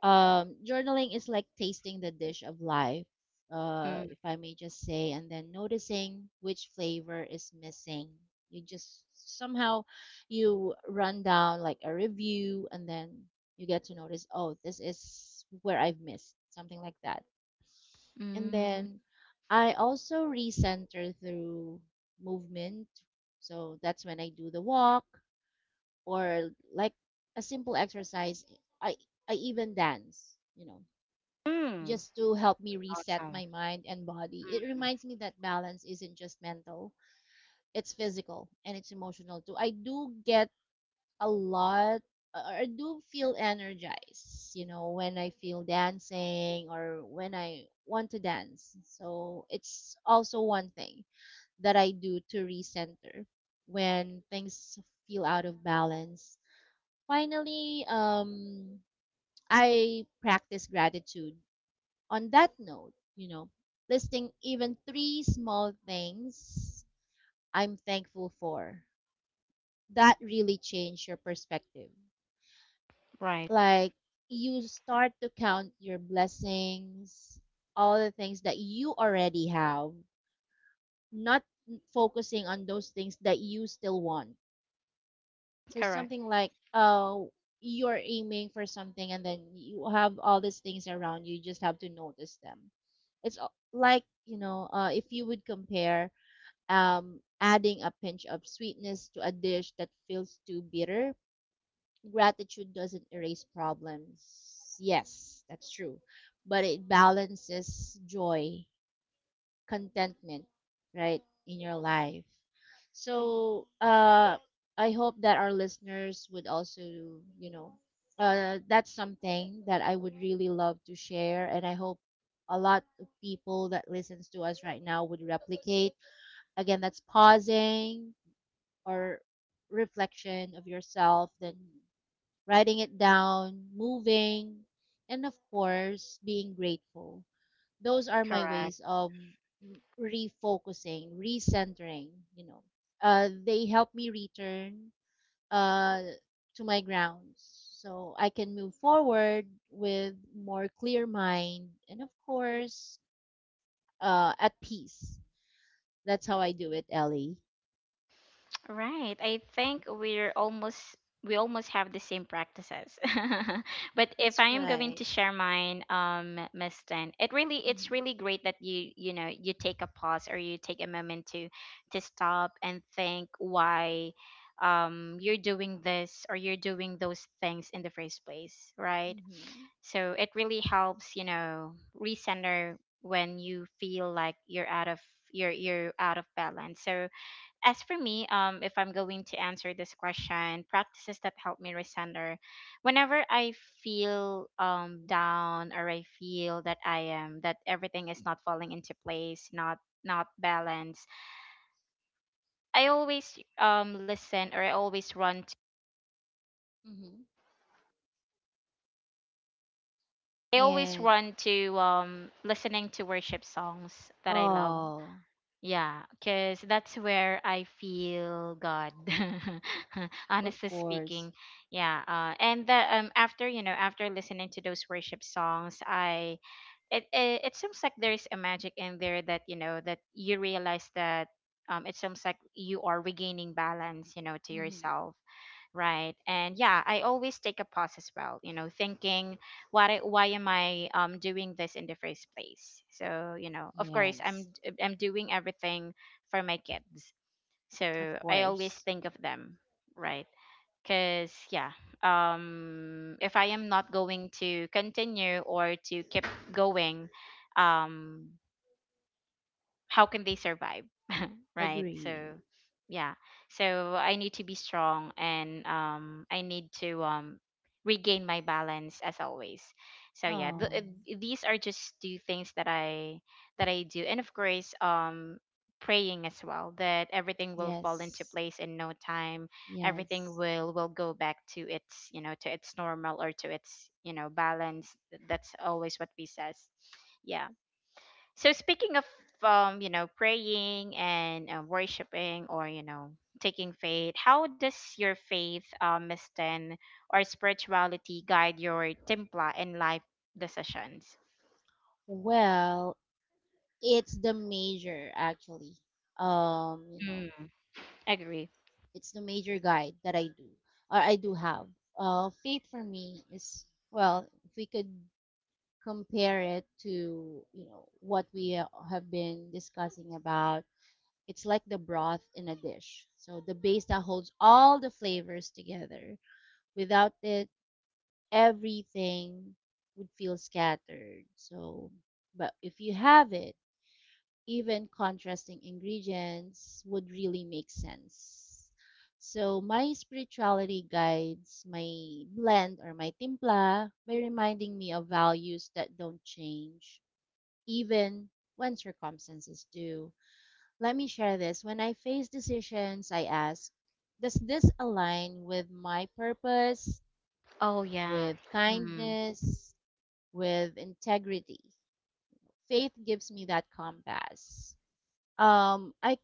B: Journaling is like tasting the dish of life,
A: Mm.
B: if I may just say, and then noticing which flavor is missing. You just somehow you run down like a review, and then you get to notice, oh, this is where I've missed something like that. And
A: Mm.
B: then I also recenter through movement. So that's when I do the walk, or like a simple exercise. I I even dance, you know,
A: Mm.
B: just to help me reset
A: Awesome.
B: my mind and body. It
A: Mm.
B: reminds me that balance isn't just mental, it's physical and it's emotional too. I do get a lot, or I do feel energized, you know, when I feel dancing or when I want to dance. So it's also one thing that I do to recenter when things feel out of balance. Finally, I practice gratitude. On that note, you know, listing even three small things I'm thankful for that really change your perspective.
A: Right.
B: Like, you start to count your blessings, all the things that you already have, not focusing on those things that you still want. So
A: Correct.
B: something like, oh, you're aiming for something and then you have all these things around you, you just have to notice them. Like, you know, if you would compare adding a pinch of sweetness to a dish that feels too bitter, gratitude doesn't erase problems. Yes, that's true. But it balances joy, contentment, right, in your life. So, I hope that our listeners would also, you know, that's something that I would really love to share. And I hope a lot of people that listens to us right now would replicate. Again, that's pausing or reflection of yourself, then writing it down, moving, and of course, being grateful. Those are my
A: Correct.
B: ways of refocusing, recentering, you know. They help me return, uh, to my grounds so I can move forward with more clear mind and, of course, at peace. That's how I do it, Ellie.
A: Right. I think we're almost, we almost have the same practices. But if
B: That's
A: I am going to
B: right.
A: share mine, Miss Tan, it really, it's
B: Mm-hmm.
A: really great that you know you take a pause, or you take a moment to stop and think why you're doing this, or you're doing those things in the first place, right?
B: Mm-hmm.
A: So it really helps, recenter when you feel like you're out of, you're out of balance. So as for me, if I'm going to answer this question, practices that help me recenter. Whenever I feel down, or I feel that I am, that everything is not falling into place, not, not balanced, I always listen, or I always run to,
B: Mm-hmm.
A: I always
B: And,
A: run to listening to worship songs that I love.
B: oh,
A: Yeah, because that's where I feel God,
B: of
A: honestly
B: course.
A: speaking. Yeah, and the, after, after listening to those worship songs, I it, it it seems like there is a magic in there that, that you realize that, it seems like you are regaining balance, to
B: Mm-hmm.
A: yourself. Right. And yeah, I always take a pause as well, you know, thinking, why am I doing this in the first place? So, you know, of course
B: Yes,
A: I'm doing everything for my kids.
B: of
A: So, I always
B: course.
A: think of them, right? Cuz yeah, if I am not going to continue, or to keep going, um how can they survive? Right,
B: Agree.
A: so yeah. So I need to be strong, and I need to regain my balance, as always. So yeah,
B: Oh,
A: these are just two things that I do. And of course, praying as well, that everything will fall into
B: yes,
A: place in no time. Everything
B: yes.
A: will, go back to its, you know, to its normal, or to its, you know, balance. That's always what we says. Yeah. So, speaking of you know, praying, and worshiping, or you know, taking faith, how does your faith, Misten, or spirituality guide your templa and life decisions?
B: Well, it's the major actually. You know,
A: Mm, agree.
B: it's the major guide that I do, or I do have. Faith for me is, well, if we could compare it to, you know, what we have been discussing about, it's like the broth in a dish. So the base that holds all the flavors together. Without it, everything would feel scattered. So, but if you have it, even contrasting ingredients would really make sense. So, my spirituality guides my blend or my timpla by reminding me of values that don't change, even when circumstances do. Let me share this. When I face decisions, I ask, does this align with my purpose,
A: Oh yeah.
B: with
A: Mm,
B: kindness, with integrity. Faith gives me that compass. I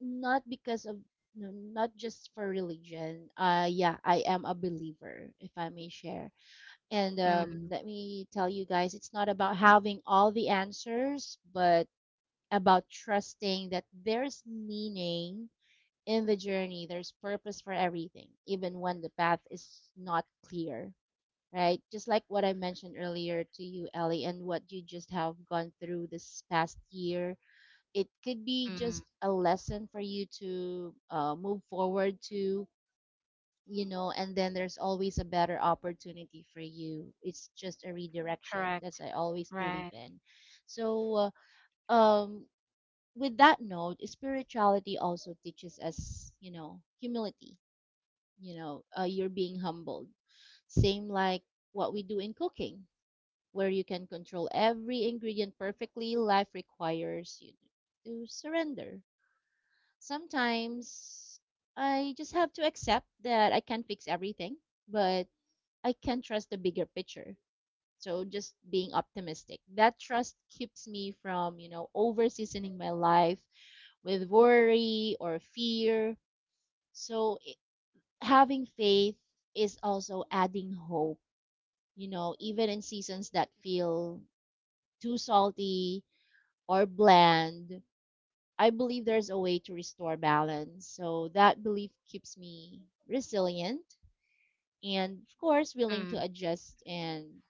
B: Not because of, no, not just for religion. Yeah, I am a believer, if I may share. And
A: mm,
B: let me tell you guys, it's not about having all the answers, but about trusting that there's meaning in the journey, there's purpose for everything, even when the path is not clear, right? Just like what I mentioned earlier to you, Ellie, and what you just have gone through this past year, it could be
A: mm,
B: just a lesson for you to move forward to, you know, and then there's always a better opportunity for you. It's just a redirection. That's
A: correct.
B: I always believe
A: Right.
B: in. So, uh, um, with that note, spirituality also teaches us, you know, humility. You know, you're being humbled. Same like what we do in cooking, where you can control every ingredient perfectly, life requires you to surrender. Sometimes I just have to accept that I can't fix everything, but I can trust the bigger picture. So just being optimistic. That trust keeps me from, you know, over seasoning my life with worry or fear. So i- Having faith is also adding hope, you know, even in seasons that feel too salty, or bland, I believe there's a way to restore balance. So that belief keeps me resilient and, of course, willing
A: Mm,
B: to adjust and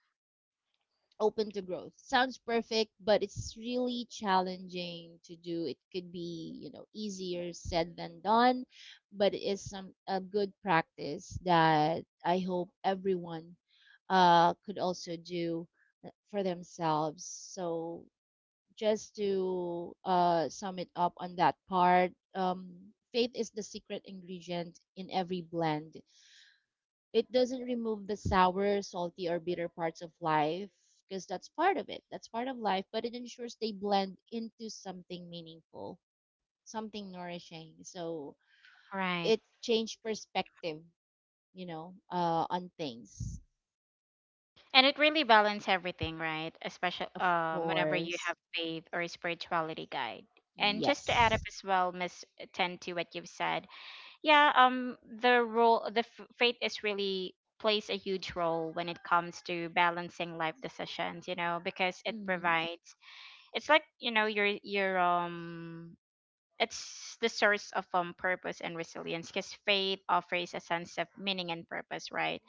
B: open to growth. Sounds perfect, but it's really challenging to do. It could be, you know, easier said than done, but it is some a good practice that I hope everyone could also do for themselves. So just to sum it up on that part, faith is the secret ingredient in every blend. It doesn't remove the sour, salty, or bitter parts of life because that's part of it. That's part of life, but it ensures they blend into something meaningful, something nourishing. So
A: right.
B: it changed perspective, you know, on things.
A: And it really balances everything, right? Especially
B: Of
A: whenever you
B: course.
A: have faith or spirituality guide. And just to add up
B: Yes.
A: as well, Miss Ten, to what you've said, yeah, the role, faith is really, plays a huge role when it comes to balancing life decisions, you know, because it
B: Hmm.
A: provides, it's like, you know, your it's the source of purpose and resilience, because faith offers a sense of meaning and purpose, right?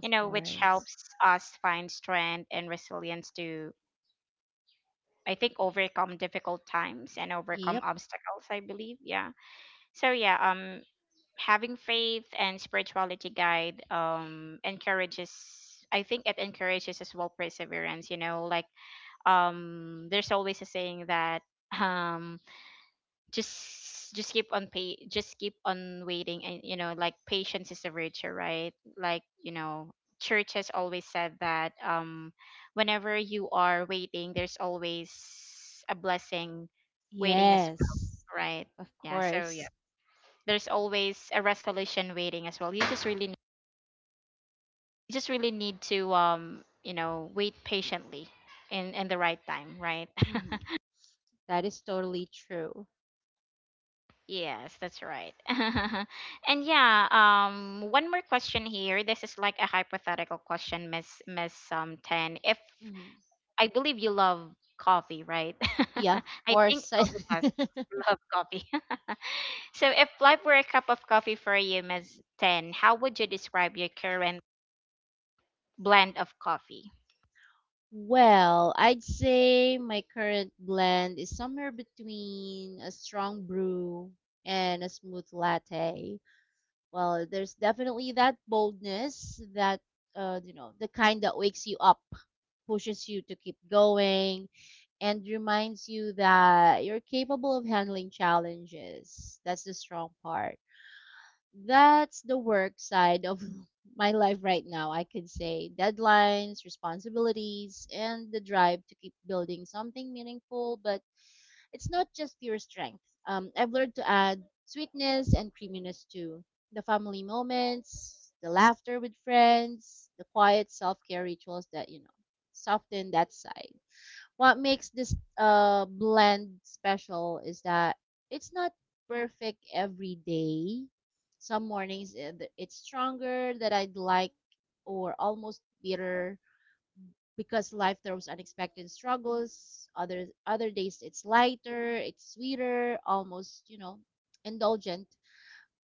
A: You know, which
B: course.
A: helps us find strength and resilience to, I think, overcome difficult times and overcome
B: Yep.
A: obstacles, I believe. Yeah. So yeah, having faith and spirituality guide, encourages, I think it encourages as well perseverance, you know, like, there's always a saying that um just keep on waiting, and you know, like, patience is a virtue, right? Like, you know, church has always said that, whenever you are waiting, there's always a blessing waiting as well,
B: Yes.
A: right?
B: Of
A: Yeah. So yeah,
B: course.
A: there's always a resolution waiting as well. You just really need, you just really need to, you know, wait patiently in the right time, right?
B: Hmm. That is totally true.
A: Yes, that's right. And yeah, one more question here. This is like a hypothetical question, Miss Ten. If
B: Hmm.
A: I believe you love coffee, right?
B: Yeah, of
A: I think
B: course. I
A: all of us love coffee. So if life were a cup of coffee for you, Miss Ten, how would you describe your current blend of coffee?
B: well, I'd say my current blend is somewhere between a strong brew and a smooth latte. Well, there's definitely that boldness that, you know, the kind that wakes you up, pushes you to keep going, and reminds you that you're capable of handling challenges. That's the strong part. That's the work side of my life right now, I could say. Deadlines, responsibilities, and the drive to keep building something meaningful, but it's not just pure strength. I've learned to add sweetness and creaminess too. The family moments, the laughter with friends, the quiet self care rituals that, you know, soften that side. What makes this blend special is that it's not perfect every day. Some mornings it's stronger than I'd like, or almost bitter, because life throws unexpected struggles. Other days it's lighter, it's sweeter, almost, you know, indulgent,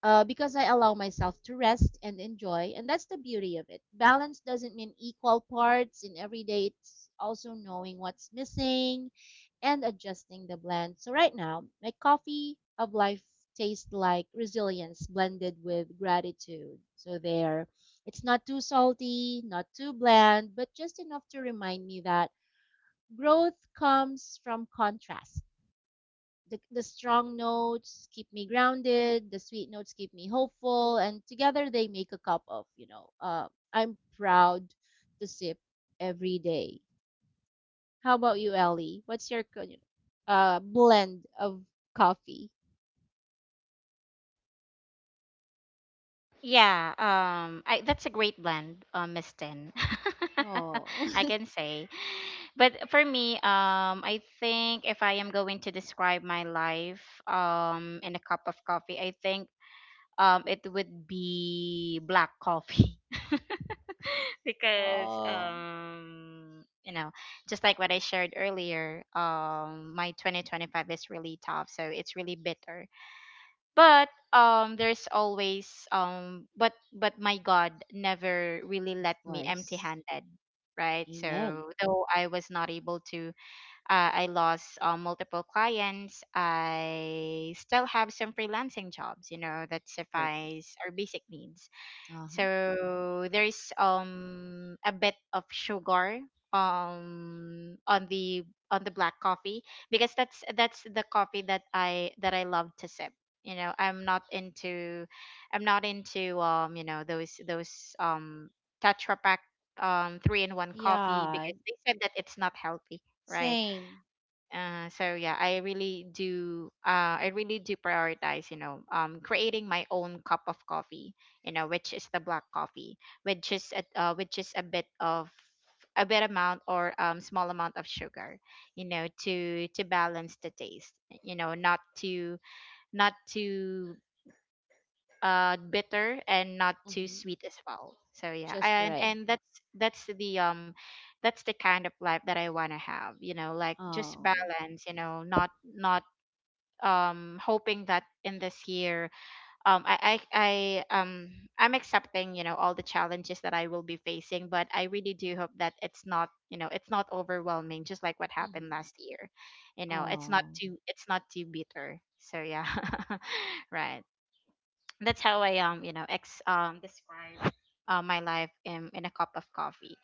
B: because I allow myself to rest and enjoy. And that's the beauty of it. Balance doesn't mean equal parts in every day, it's also knowing what's missing and adjusting the blend. So, right now, my coffee of life tastes like resilience blended with gratitude. So, there, it's not too salty, not too bland, but just enough to remind me that growth comes from contrast. The, strong notes keep me grounded, the sweet notes keep me hopeful, and together they make a cup of, you know, I'm proud to sip every day. How about you, Ellie? What's your you know, blend of coffee?
A: Yeah, that's a great blend, Miss Tin.
B: Oh.
A: I can say. But for me, I think if I am going to describe my life, in a cup of coffee, I think, it would be black coffee. Because
B: Oh,
A: you know, just like what I shared earlier, my 2025 is really tough, so it's really bitter. But there's always but my God never really
B: of
A: let me empty
B: course.
A: handed, right?
B: Amen.
A: So though I was not able to, I lost, multiple clients, I still have some freelancing jobs, you know, that
B: Perfect.
A: suffice our basic needs.
B: Uh-huh.
A: So there is a bit of sugar on the, on the black coffee, because that's the coffee that I love to sip. You know, I'm not into, I'm not into, you know, those, those Tetra Pak, three in one coffee,
B: Yeah,
A: because they said that it's not healthy, right?
B: same.
A: So yeah, I really do. I really do prioritize, you know, creating my own cup of coffee, you know, which is the black coffee, which is a bit of, a bit amount, or small amount of sugar, you know, to balance the taste, you know, not to, not to, bitter, and not too
B: Mm-hmm.
A: sweet as well. So yeah,
B: Just the
A: and
B: right.
A: and that's the, that's the kind of life that I want to have, you know, like, just
B: Oh.
A: balance, you know, not, not, hoping that in this year, I, I'm accepting, you know, all the challenges that I will be facing, but I really do hope that it's not, you know, it's not overwhelming, just like what happened
B: Mm-hmm.
A: last year. You know, it's not
B: Oh.
A: too, it's not too bitter. So yeah. Right. That's how I, you know, ex this my life in a cup of coffee.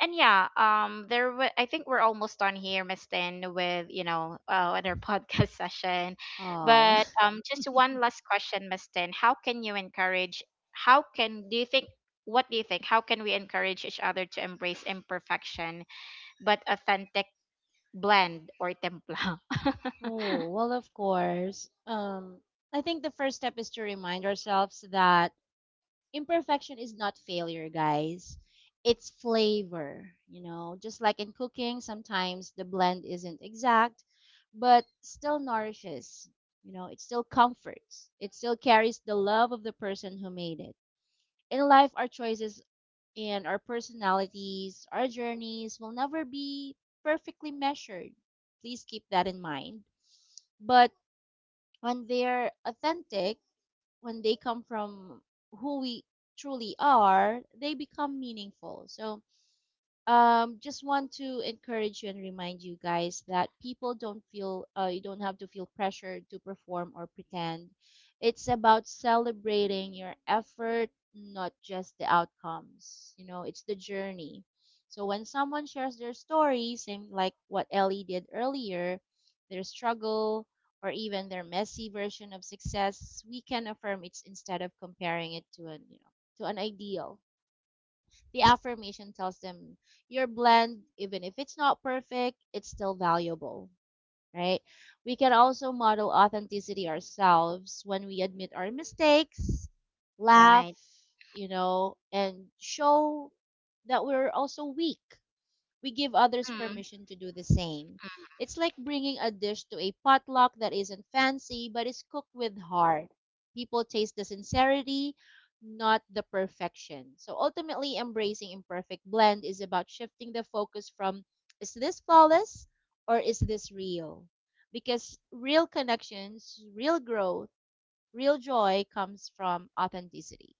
A: And yeah, there wa I think we're almost done here, Miss Tin, with, you know, with podcast session.
B: Oh.
A: But just one last question, Miss Tin. How can you encourage? How can, do you think? What do you think? How can we encourage each other to embrace imperfection but authentic blend or templa?
B: Oh, well, of course. I think the first step is to remind ourselves that imperfection is not failure, guys. It's flavor, you know, just like in cooking, sometimes the blend isn't exact, but still nourishes, you know, it still comforts, it still carries the love of the person who made it. In life, our choices and our personalities, our journeys will never be perfectly measured. Please keep that in mind. But when they're authentic, when they come from who we truly are, they become meaningful. So, just want to encourage you and remind you guys that people don't feel, you don't have to feel pressure to perform or pretend. It's about celebrating your effort, not just the outcomes. You know, it's the journey. So when someone shares their story, same like what Ellie did earlier, their struggle, or even their messy version of success, we can affirm it's instead of comparing it to an, you know, to an ideal. The affirmation tells them, your blend, even if it's not perfect, it's still valuable, right? We can also model authenticity ourselves. When we admit our mistakes, laugh, you know, and show that we're also weak, we give others
A: Right.
B: permission to do the same. It's like bringing a dish to a potluck that isn't fancy but is cooked with heart. People taste the sincerity, not the perfection. So ultimately, embracing imperfect blend is about shifting the focus from, is this flawless, or is this real? Because real connections, real growth, real joy comes from authenticity.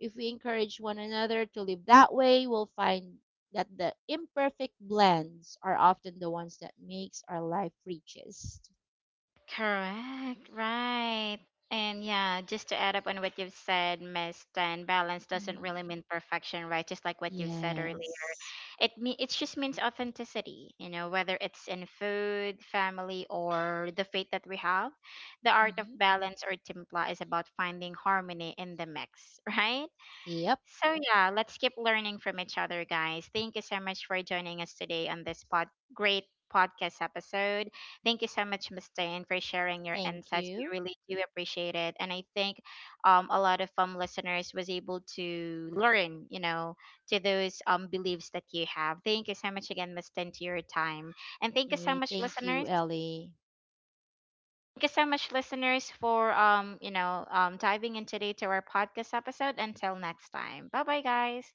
B: If we encourage one another to live that way, we'll find that the imperfect blends are often the ones that makes our life richest.
A: Correct, right. And yeah, just to add up on what you've said, Miss, then balance doesn't
B: Hmm.
A: really mean perfection, right? Just like what you've said earlier.
B: Yes.
A: It just means authenticity, you know, whether it's in food, family, or the faith that we have. The art of
B: Hmm.
A: balance or timpla is about finding harmony in the mix, right?
B: Yep.
A: So, yeah, let's keep learning from each other, guys. Thank you so much for joining us today on this great podcast episode. Thank you so much, Ms. Diane, for sharing your
B: Thank
A: insights. We
B: you.
A: really do appreciate it. And I think, a lot of listeners was able to learn, you know, to those beliefs that you have. Thank you so much again, Ms. Diane, to your time. And thank you so
B: Hey,
A: much,
B: thank you,
A: listeners.
B: Ellie.
A: Thank you so much, listeners, for, you know, diving in today to our podcast episode. Until next time, bye bye, guys.